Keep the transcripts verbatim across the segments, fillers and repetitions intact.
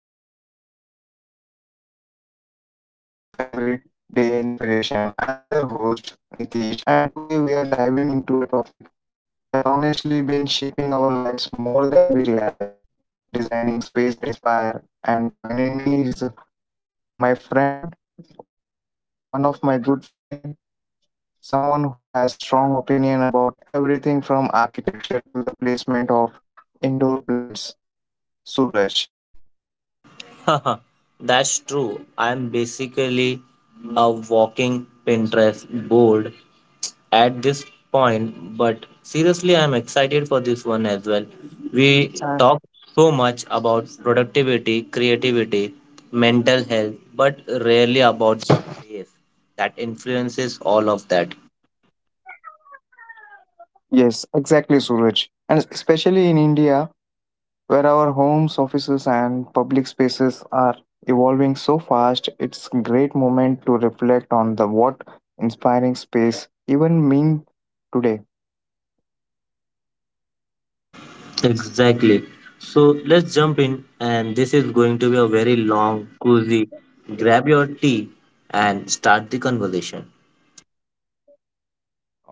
Hello, everyone, and welcome back to another episode of Everyday Inspiration. I'm your host, Nitish, and today we are diving into a topic that honestly been shaping our lives more than we realize: designing space that inspire. And joining me is my friend, one of my good friend, someone who has strong opinion about everything from architecture to the placement of indoor plants, Suraj. That's true. I'm basically a walking Pinterest board at this point, but seriously, I'm excited for this one as well. And We talk so much about productivity, creativity, mental health, but rarely about space that influences all of that. yes, exactly, Suraj. And especially in India, where our homes, offices, and public spaces are evolving so fast, it's a great moment to reflect on the what inspiring space even mean today. Exactly. So let's jump in, and this is going to be a very long, cozy. Grab your tea and start the conversation.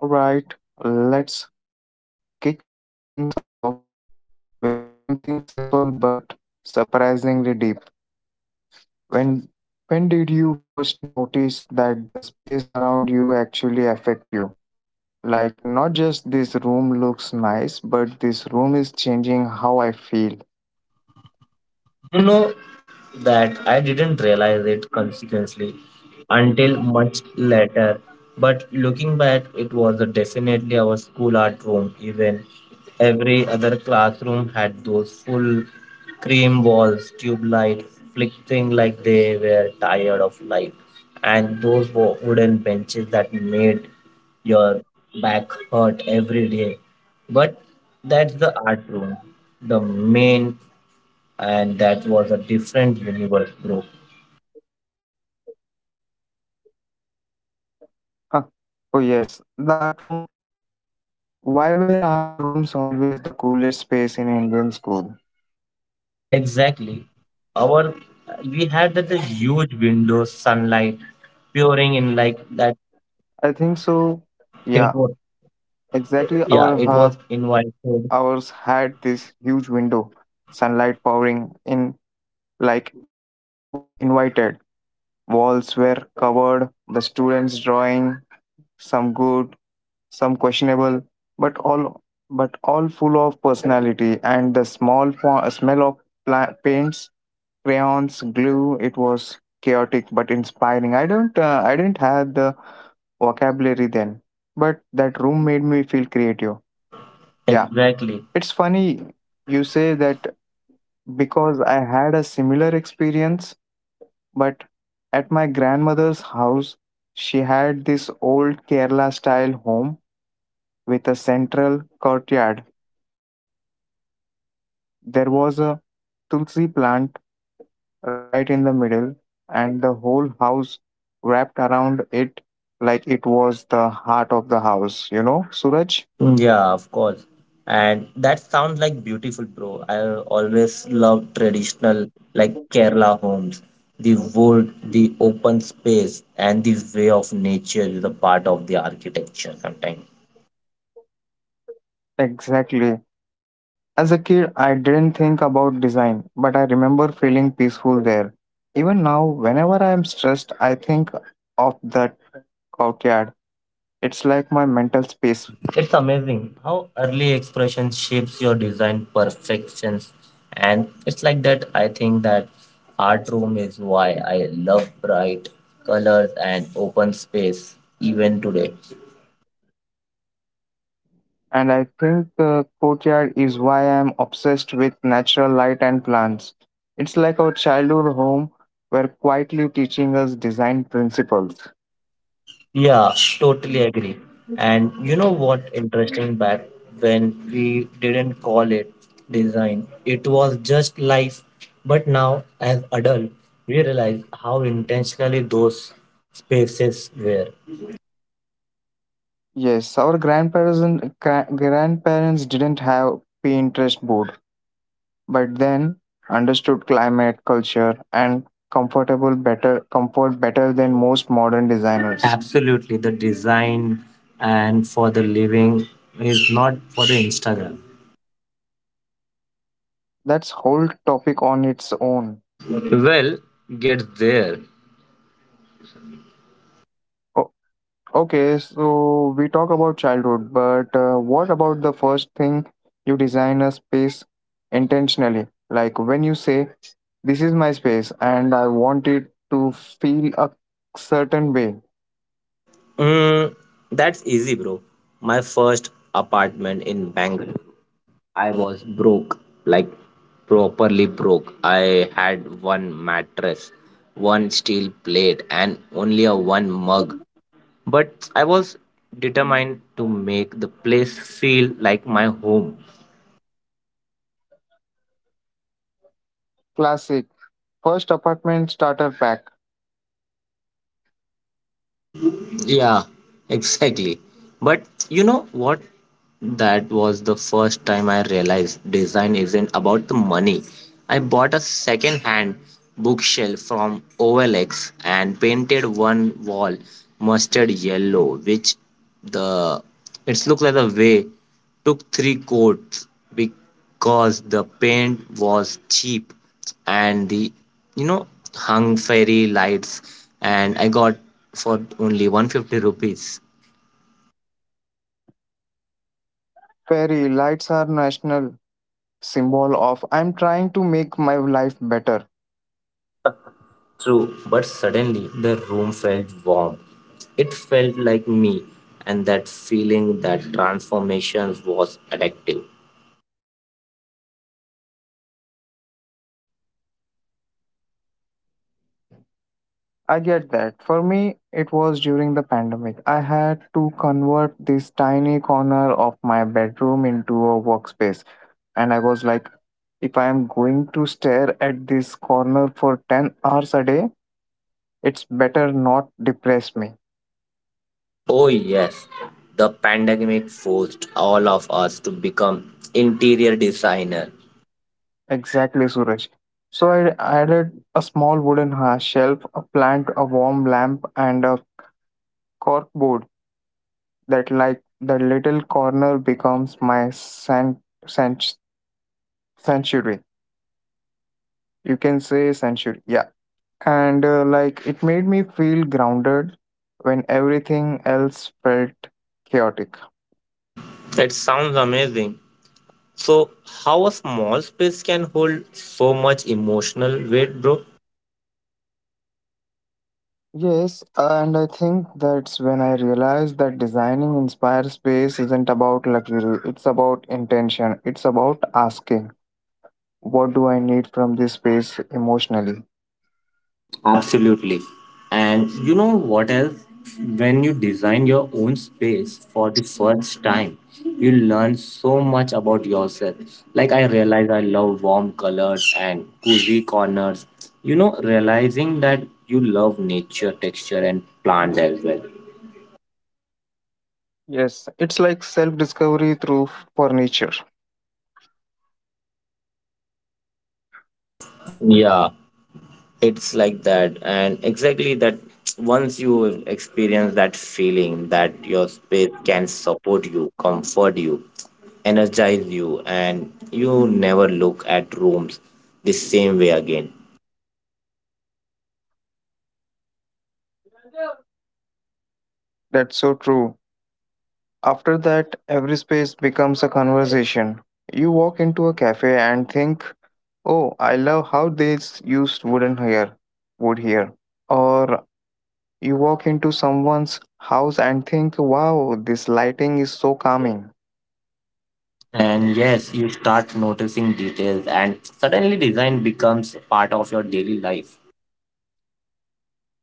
All right, let's kick things off with something simple but surprisingly deep. When when did you first notice that the space around you actually affect you? Like not just this room looks nice, but this room is changing how I feel. You know that I didn't realize it consequently until much later, but looking back, it was a definitely our school art room. Even every other classroom had those full cream walls, tube lights flickering like they were tired of life, and those wo- wooden benches that made your back hurt every day. But that's the art room, the main and that was a different universe, bro. Huh. Oh yes, the art room. Why were art rooms always the coolest space in Indian school? Exactly. Our we had that the huge window sunlight pouring in like that. I think so. Yeah, It was exactly. yeah, Our it uh, was invited. Ours had this huge window, sunlight pouring in like it was invited. Walls were covered. The students drawing some good, some questionable, but all but all full of personality and the small po- smell of pla- paints, crayons, glue. It was chaotic but inspiring. I don't uh, I didn't have the vocabulary then, but that room made me feel creative. Yeah, Exactly. it's funny you say that because I had a similar experience, but at my grandmother's house, she had this old Kerala style home with a central courtyard. There was a tulsi plant right in the middle, and the whole house wrapped around it like it was the heart of the house, you know, Suraj? Yeah, of course. And that sounds like beautiful, bro. I always love traditional like Kerala homes. The wood, the open space, and the way of nature is a part of the architecture sometimes. Exactly. As a kid, I didn't think about design, but I remember feeling peaceful there. Even now, whenever I am stressed, I think of that courtyard. It's like my mental space. It's amazing how early expression shapes your design perfections. And it's like that I think that art room is why I love bright colors and open space even today. And I think the courtyard is why I'm obsessed with natural light and plants. It's like our childhood home were quietly teaching us design principles. Yeah, totally agree. And you know what interesting back when we didn't call it design, it was just life. But now as adult, we realize how intentionally those spaces were. Yes, our grandparents gra- grandparents didn't have Pinterest board, but then understood climate, culture, and comfortable better comfort better than most modern designers. Absolutely, the design and for the living is not for the Instagram. That's whole topic on its own. Well, get there. Okay, so we talk about childhood, but uh, what about the first thing you design a space intentionally? Like when you say, this is my space and I want it to feel a certain way. Mm, that's easy, bro. My first apartment in Bangalore. I was broke, like properly broke. I had one mattress, one steel plate, and only a one mug. But I was determined to make the place feel like my home. Classic. First apartment starter pack. Yeah, exactly. But you know what? That was the first time I realized design isn't about the money. I bought a second hand bookshelf from O L X and painted one wall mustard yellow, which the it's looked like the way took three coats. Cause the paint was cheap and the you know hung fairy lights and I got for only one hundred fifty rupees. Fairy lights are national symbol of I'm trying to make my life better. True, but suddenly the room felt warm. It felt like me and that feeling that transformation was addictive. I get that. For me, it was during the pandemic. I had to convert this tiny corner of my bedroom into a workspace. And I was like, if I am going to stare at this corner for ten hours a day, it's better not depress me. Oh yes, the pandemic forced all of us to become interior designer. Exactly, Suraj. So I added a small wooden ha- shelf, a plant, a warm lamp, and a cork board that, like, the little corner becomes my san- san- sanctuary. You can say century, yeah. And uh, like it made me feel grounded when everything else felt chaotic. It sounds amazing. So, how a small space can hold so much emotional weight, bro? Yes, and I think that's when I realized that designing inspired space isn't about luxury. It's about intention. It's about asking, what do I need from this space emotionally? Absolutely. And you know what else? When you design your own space for the first time, you learn so much about yourself. Like, I realize I love warm colors and cozy corners. You know, realizing that you love nature, texture, and plant as well. Yes, it's like self discovery through furniture. Yeah, it's like that and exactly that once you experience that feeling that your space can support you comfort you energize you and you never look at rooms the same way again. That's so true. After that, every space becomes a conversation. You walk into a cafe and think, oh, I love how they s- used wooden here, wood here. Or you walk into someone's house and think, wow, this lighting is so calming. And yes you start noticing details and suddenly design becomes a part of your daily life.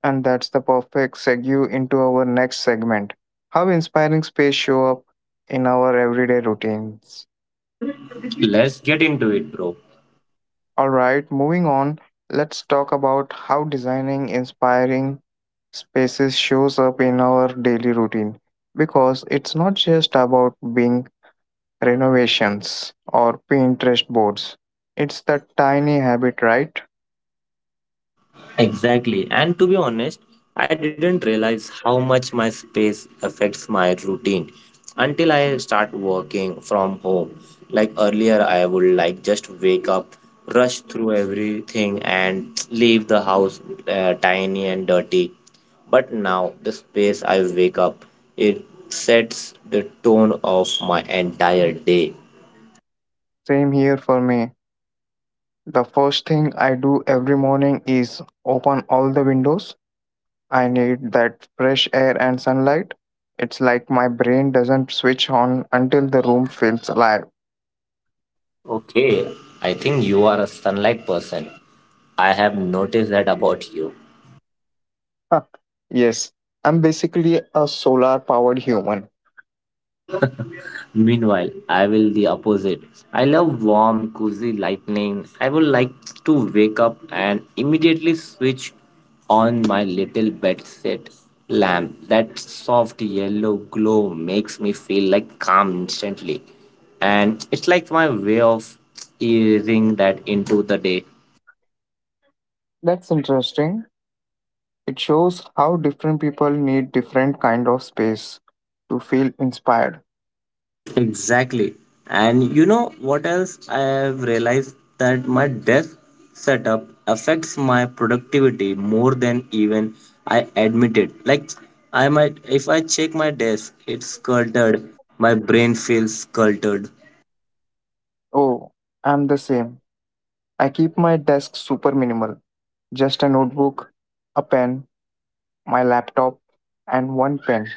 And that's the perfect segue into our next segment. How inspiring space show up in our everyday routines. Let's get into it, bro. All right, moving on, let's talk about how designing inspiring spaces shows up in our daily routine because it's not just about being renovations, or Pinterest boards. It's the tiny habit, right? Exactly. And to be honest, I didn't realize how much my space affects my routine until I start working from home. Like earlier, I would like just wake up, rush through everything, and leave the house uh, tiny and dirty. But now, the space I wake up, it sets the tone of my entire day. Same here for me. The first thing I do every morning is open all the windows. I need that fresh air and sunlight. It's like my brain doesn't switch on until the room feels alive. Okay, I think you are a sunlight person. I have noticed that about you. Huh. Yes, I'm basically a solar powered human. Meanwhile, I will the opposite. I love warm, cozy lightning. I would like to wake up and immediately switch on my little bed set lamp. That soft yellow glow makes me feel like calm instantly. And it's like my way of easing that into the day. That's interesting. It shows how different people need different kind of space to feel inspired. Exactly. And you know what else? I have realized that my desk setup affects my productivity more than even I admit it. Like I might if I check my desk, it's cluttered. My brain feels cluttered. Oh, I'm the same. I keep my desk super minimal. Just a notebook, a pen, my laptop, and one pen.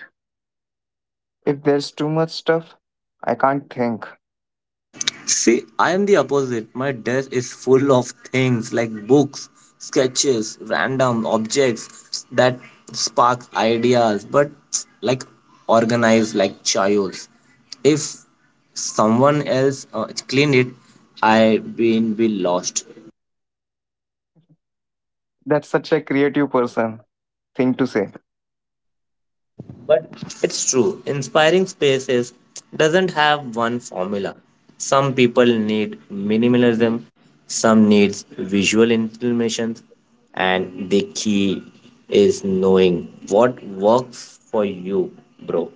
If there's too much stuff, I can't think. See, I am the opposite. My desk is full of things like books, sketches, random objects that spark ideas, but like organized like chaos. If someone else uh, cleaned it, I been be lost. That's such a creative person thing to say. But it's true, inspiring spaces doesn't have one formula. Some people need minimalism, some needs visual information, and the key is knowing what works for you, bro.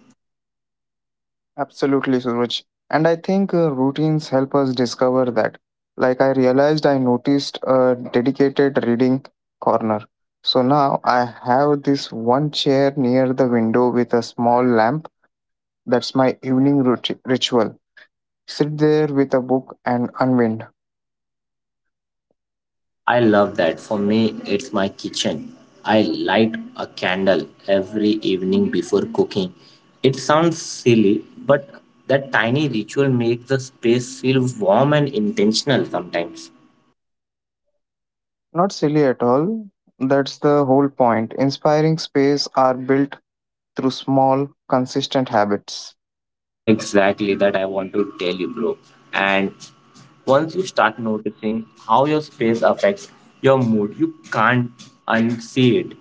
Absolutely, Suraj. And I think uh, routines help us discover that. Like I realized I noticed a dedicated reading corner. So now I have this one chair near the window with a small lamp. That's my evening rut- ritual. Sit there with a book and unwind. I love that. For me, it's my kitchen. I light a candle every evening before cooking. It sounds silly, but that tiny ritual makes the space feel warm and intentional sometimes. Not silly at all. That's the whole point. Inspiring space are built through small, consistent habits. Exactly that I want to tell you, bro. And once you start noticing how your space affects your mood, you can't unsee it.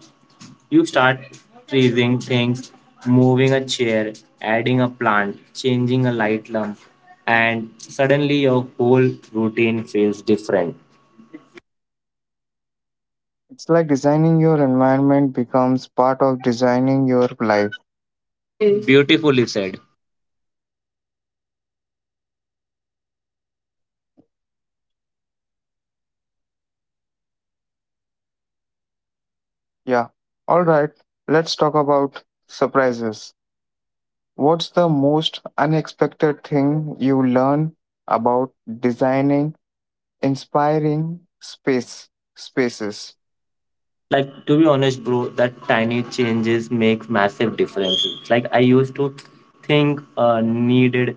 You start freezing things, moving a chair, adding a plant, changing a light lamp, and suddenly your whole routine feels different. It's like designing your environment becomes part of designing your life. Beautifully said. Yeah. All right. Let's talk about surprises. What's the most unexpected thing you learn about designing inspiring space spaces? Like to be honest, bro, that tiny changes make massive differences. Like I used to think uh, needed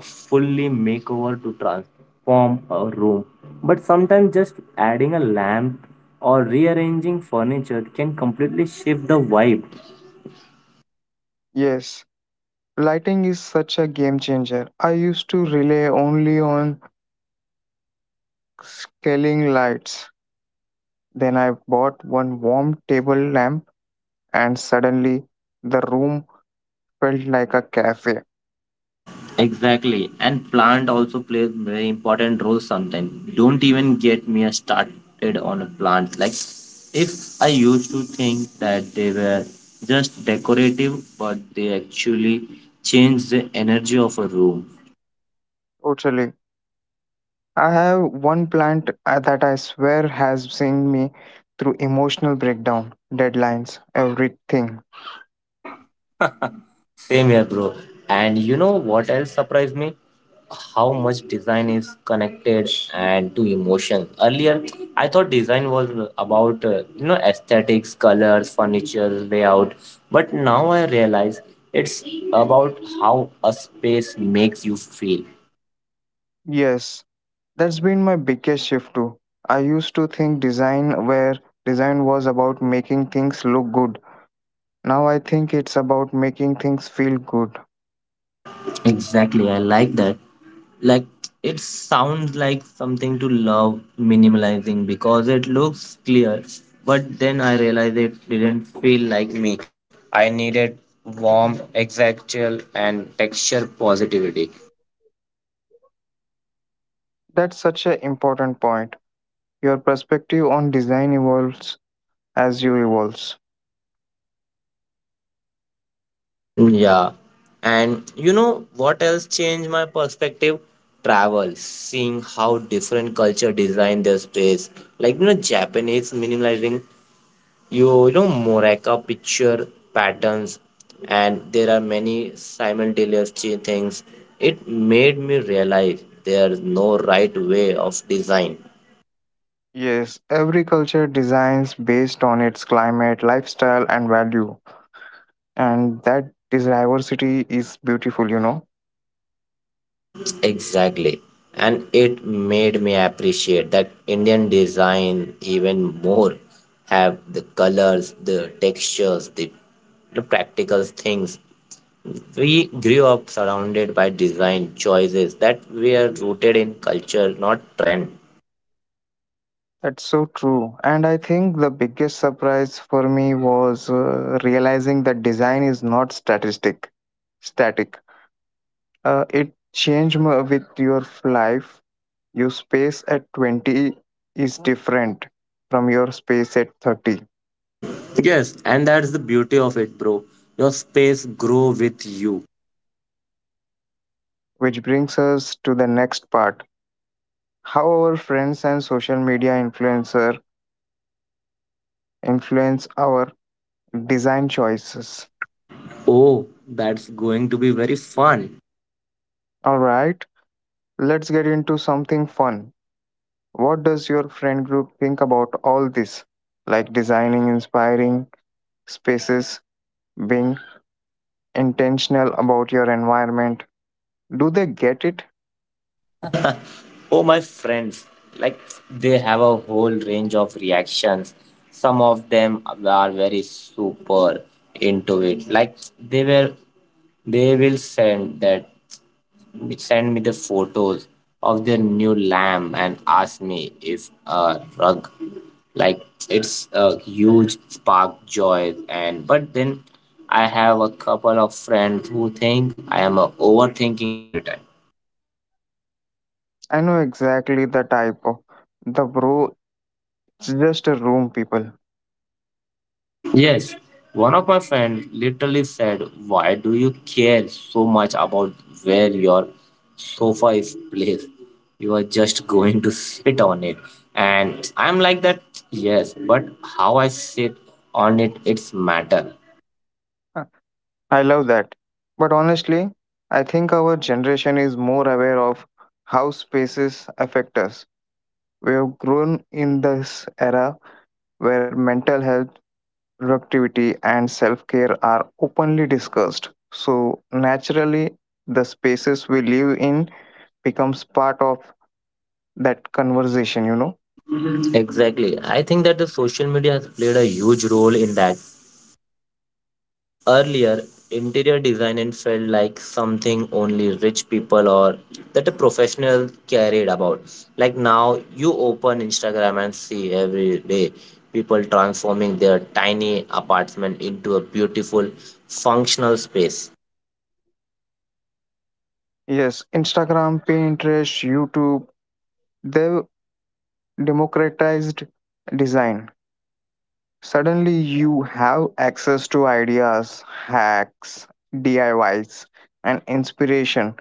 a fully makeover to transform a room, but sometimes just adding a lamp or rearranging furniture can completely shift the vibe. Yes. Lighting is such a game changer. I used to rely only on scaling lights. Then I bought one warm table lamp, and suddenly the room felt like a cafe. Exactly. And plant also plays very important role sometimes. Don't even get me started on a plant. Like if I used to think that they were just decorative, but they actually change the energy of a room. Totally. I have one plant uh, that I swear has seen me through emotional breakdown, deadlines, everything. Same here, bro. And you know what else surprised me? How much design is connected and to emotion. Earlier, I thought design was about uh, you know aesthetics, colors, furniture, layout, but now I realize it's about how a space makes you feel. Yes, that's been my biggest shift too. I used to think design where design was about making things look good. Now I think it's about making things feel good. Exactly, I like that. Like it sounds like something to love minimalizing because it looks clear, but then I realized it didn't feel like me. I needed warm, exactual, and texture positivity. That's such an important point. Your perspective on design evolves as you evolves. Yeah. And you know what else changed my perspective? Travel, seeing how different culture design their space. Like you know, Japanese minimalizing you you know Moraka picture patterns and there are many simultaneous ch- things. It made me realize there's no right way of design. Yes, every culture designs based on its climate, lifestyle and value. And that this diversity is beautiful, you know. Exactly, and it made me appreciate that Indian design even more. Have the colors the textures the, the practical things we grew up surrounded by design choices that were rooted in culture not trend. That's so true. And I think the biggest surprise for me was uh, realizing that design is not statistic static. Uh, it change m- with your life. Your space at twenty is different from your space at thirty, Yes, and that's the beauty of it, bro. Your space grow with you. which brings us to the next part, how our friends and social media influencer influence our design choices. Oh, that's going to be very fun. All right, let's get into something fun. What does your friend group think about all this? Like designing inspiring spaces, being intentional about your environment. Do they get it? Oh, my friends, like they have a whole range of reactions. Some of them are very super into it. Like they were, they will send that. They sent me the photos of their new lamb and asked me if a rug, like it's a huge spark joy and but then I have a couple of friends who think I am uh, overthinking every time. I know exactly the type of the bro. It's just a room, people. Yes, one of my friends literally said, why do you care so much about where your sofa is placed? You are just going to sit on it. And I'm like that, yes, but how I sit on it, it's matter. Uh, I love that. But honestly, I think our generation is more aware of how spaces affect us. We have grown in this era where mental health, productivity, and self care are openly discussed. So, naturally, the spaces we live in becomes part of that conversation, you know? Exactly. I think that the social media has played a huge role in that. Earlier, interior design and felt like something only rich people or that a professional cared about. Like now, you open Instagram and see every day people transforming their tiny apartment into a beautiful, functional space. Yes, Instagram, Pinterest, YouTube, they've democratized design. Suddenly, you have access to ideas, hacks, D I Ys, and inspiration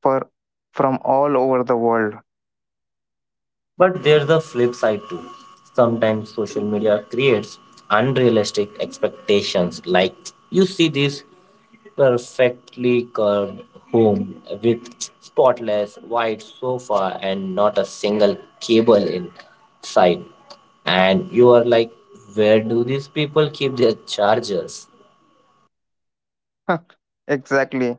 for from all over the world. But there's the flip side too. Sometimes social media creates unrealistic expectations. Like you see this perfectly curved home with spotless white sofa and not a single cable in sight. And you are like, where do these people keep their chargers? Exactly.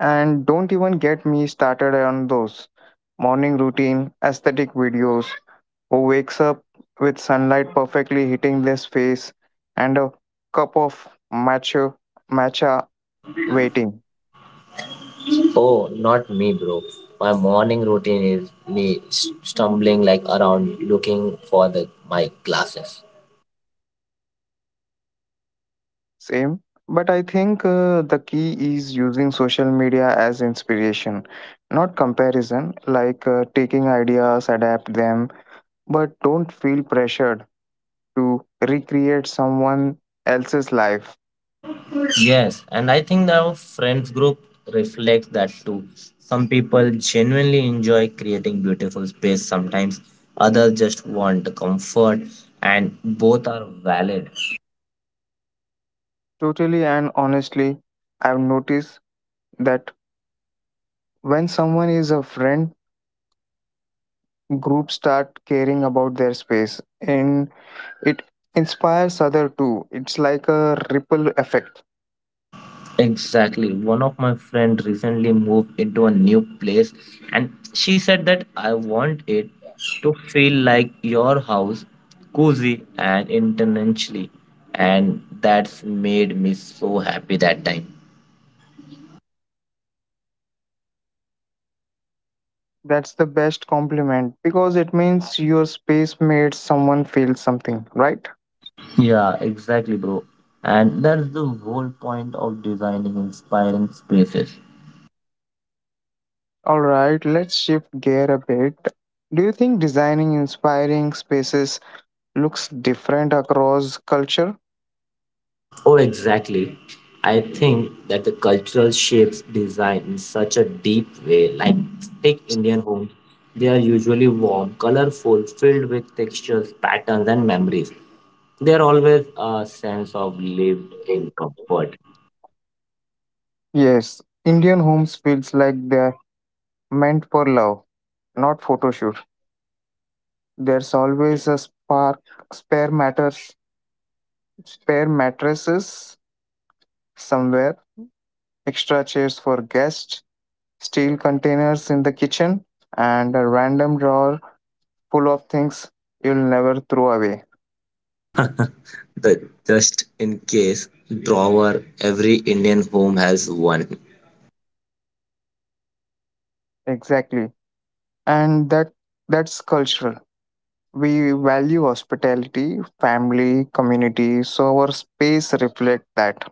And don't even get me started on those morning routine aesthetic videos who wakes up with sunlight perfectly hitting their face and a cup of matcha matcha waiting. Oh, not me, bro. My morning routine is me s- stumbling like around looking for the my glasses. Same, but I think uh, the key is using social media as inspiration, not comparison, like uh, taking ideas, adapt them, but don't feel pressured to recreate someone else's life. Yes, and I think our friends group reflects that too. Some people genuinely enjoy creating beautiful space sometimes, others just want the comfort, and both are valid. Totally, and honestly, I've noticed that when someone is a friend, groups start caring about their space and it inspires other too. It's like a ripple effect. Exactly. One of my friend recently moved into a new place, and she said that I want it to feel like your house, cozy and intentionally, and that's made me so happy that time. That's the best compliment because it means your space made someone feel something, right? Yeah, exactly, bro. And that's the whole point of designing inspiring spaces. All right, let's shift gear a bit. Do you think designing inspiring spaces looks different across culture? Oh, exactly. I think that the cultural shapes design in such a deep way. Like, take Indian homes, they are usually warm, colorful, filled with textures, patterns, and memories. There always a sense of lived in comfort. Yes, Indian homes feels like they're meant for love, not photo shoot. There's always a spark, spare matters, spare mattresses somewhere, extra chairs for guests, steel containers in the kitchen, and a random drawer full of things you'll never throw away. The just in case drawer, every Indian home has one. Exactly. And that that's cultural. We value hospitality, family, community, so our space reflect that.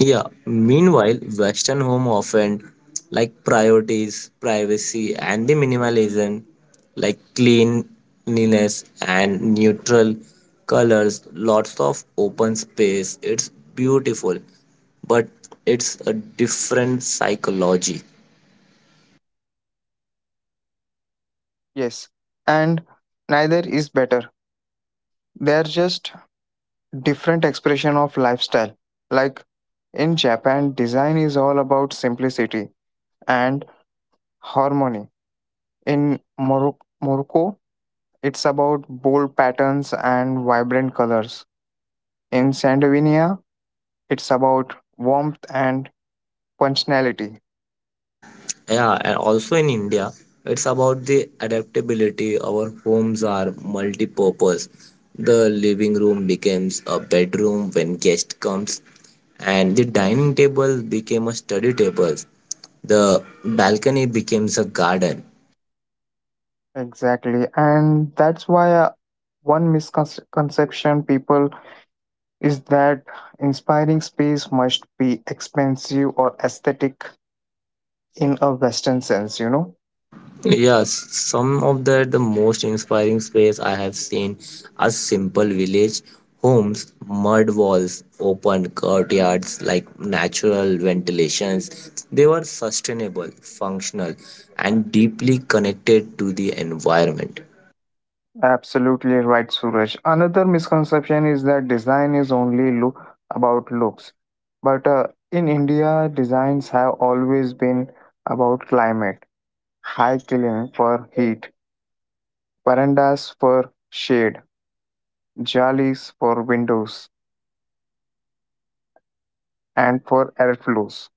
Yeah. Meanwhile, Western home often like priorities, privacy, and the minimalism, like cleanliness and neutral colors, lots of open space. It's beautiful, but it's a different psychology. Yes. And neither is better. They're just different expression of lifestyle. Like in Japan, design is all about simplicity and harmony. In Moro- Morocco, it's about bold patterns and vibrant colors. In Scandinavia, it's about warmth and functionality. Yeah, and also in India it's about the adaptability. Our homes are multi-purpose. The living room becomes a bedroom when guest comes, and the dining table became a study table, the balcony becomes a garden. Exactly. And that's why uh, one misconception people is that inspiring space must be expensive or aesthetic in a Western sense, you know? Yes, some of the, the most inspiring space I have seen are simple village homes, mud walls, open courtyards like natural ventilations. They were sustainable, functional, and deeply connected to the environment. Absolutely right, Suraj. Another misconception is that design is only look about looks. But uh, in India, designs have always been about climate, high ceiling for heat, verandas for shade, jalis for windows, and for airflows.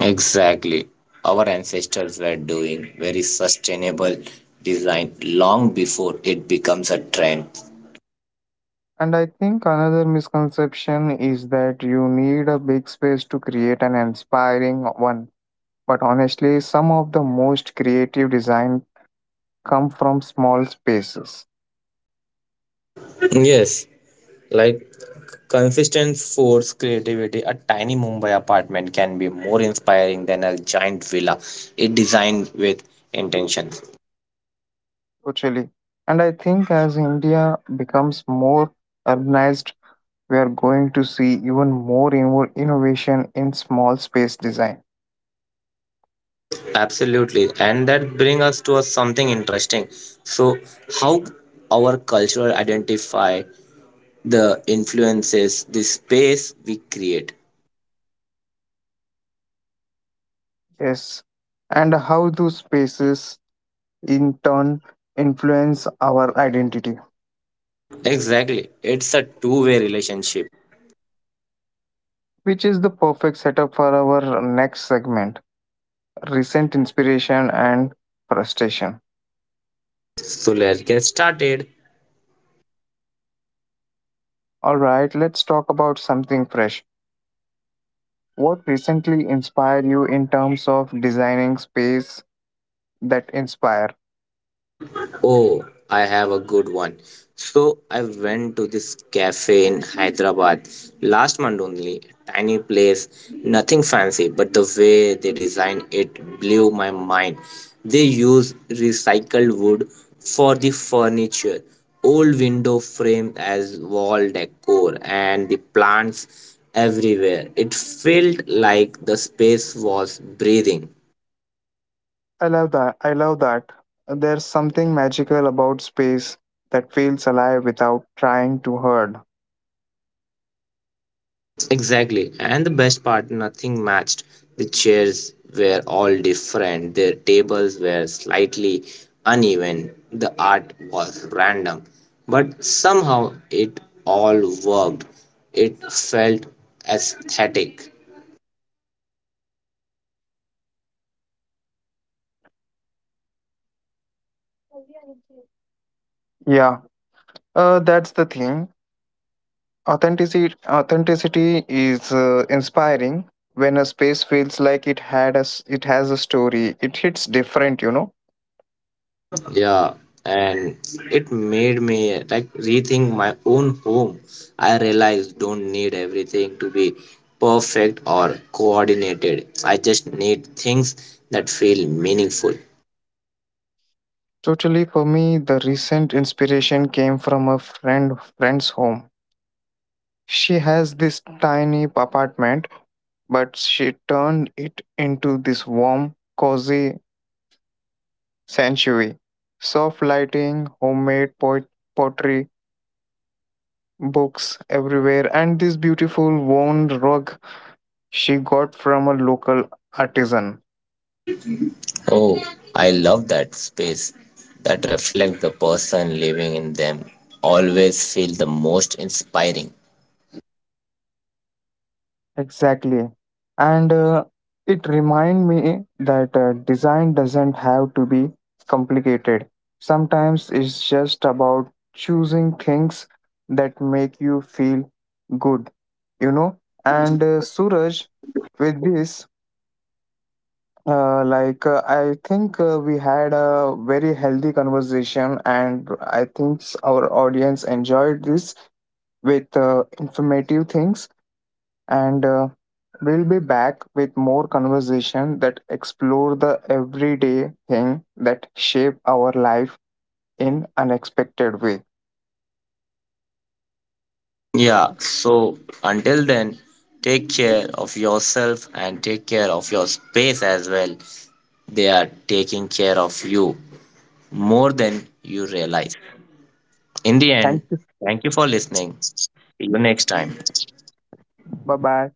Exactly. Our ancestors were doing very sustainable design long before it becomes a trend. And I think another misconception is that you need a big space to create an inspiring one. But honestly, some of the most creative design come from small spaces. Yes, like consistent force creativity, a tiny Mumbai apartment can be more inspiring than a giant villa. It designed with intention. Totally. And I think as India becomes more urbanized, we are going to see even more inno- innovation in small space design. Absolutely, and that brings us to a something interesting. So, how our culture identify the influences the space we create. Yes. And how those spaces in turn influence our identity, Exactly, it's a two-way relationship. which is the perfect setup for our next segment, recent inspiration and frustration. So let's get started. All right, let's talk about something fresh. What recently inspired you in terms of designing space that inspire? Oh, I have a good one. So I went to this cafe in Hyderabad last month only. Tiny place, nothing fancy, but the way they designed it blew my mind. They use recycled wood for the furniture, old window frame as wall decor, and the plants everywhere. It felt like the space was breathing. I love that. I love that. There's something magical about space that feels alive without trying to hurt. Exactly. And the best part, nothing matched. The chairs were all different, their tables were slightly uneven, the art was random. But somehow it all worked. It felt aesthetic. Yeah, uh, that's the thing. Authenticity, authenticity is uh, inspiring when a space feels like it had a, s- it has a story. It hits different, you know. Yeah, and it made me like rethink my own home. I realized don't need everything to be perfect or coordinated. I just need things that feel meaningful. Totally, for me, the recent inspiration came from a friend friend's home. She has this tiny apartment, but she turned it into this warm, cozy sanctuary. Soft lighting, homemade poet- pottery, books everywhere, and this beautiful woven rug she got from a local artisan. Oh, I love that space that reflects the person living in them. Always feel the most inspiring. Exactly. And uh, it remind me that uh, design doesn't have to be complicated. Sometimes it's just about choosing things that make you feel good, you know. And uh, Suraj, with this, uh, like uh, I think uh, we had a very healthy conversation, and I think our audience enjoyed this with uh, informative things and uh, we'll be back with more conversation that explore the everyday thing that shape our life in unexpected way. Yeah, so until then, take care of yourself and take care of your space as well. They are taking care of you more than you realize. In the Thank end, you. thank you for listening. See you next time. Bye bye.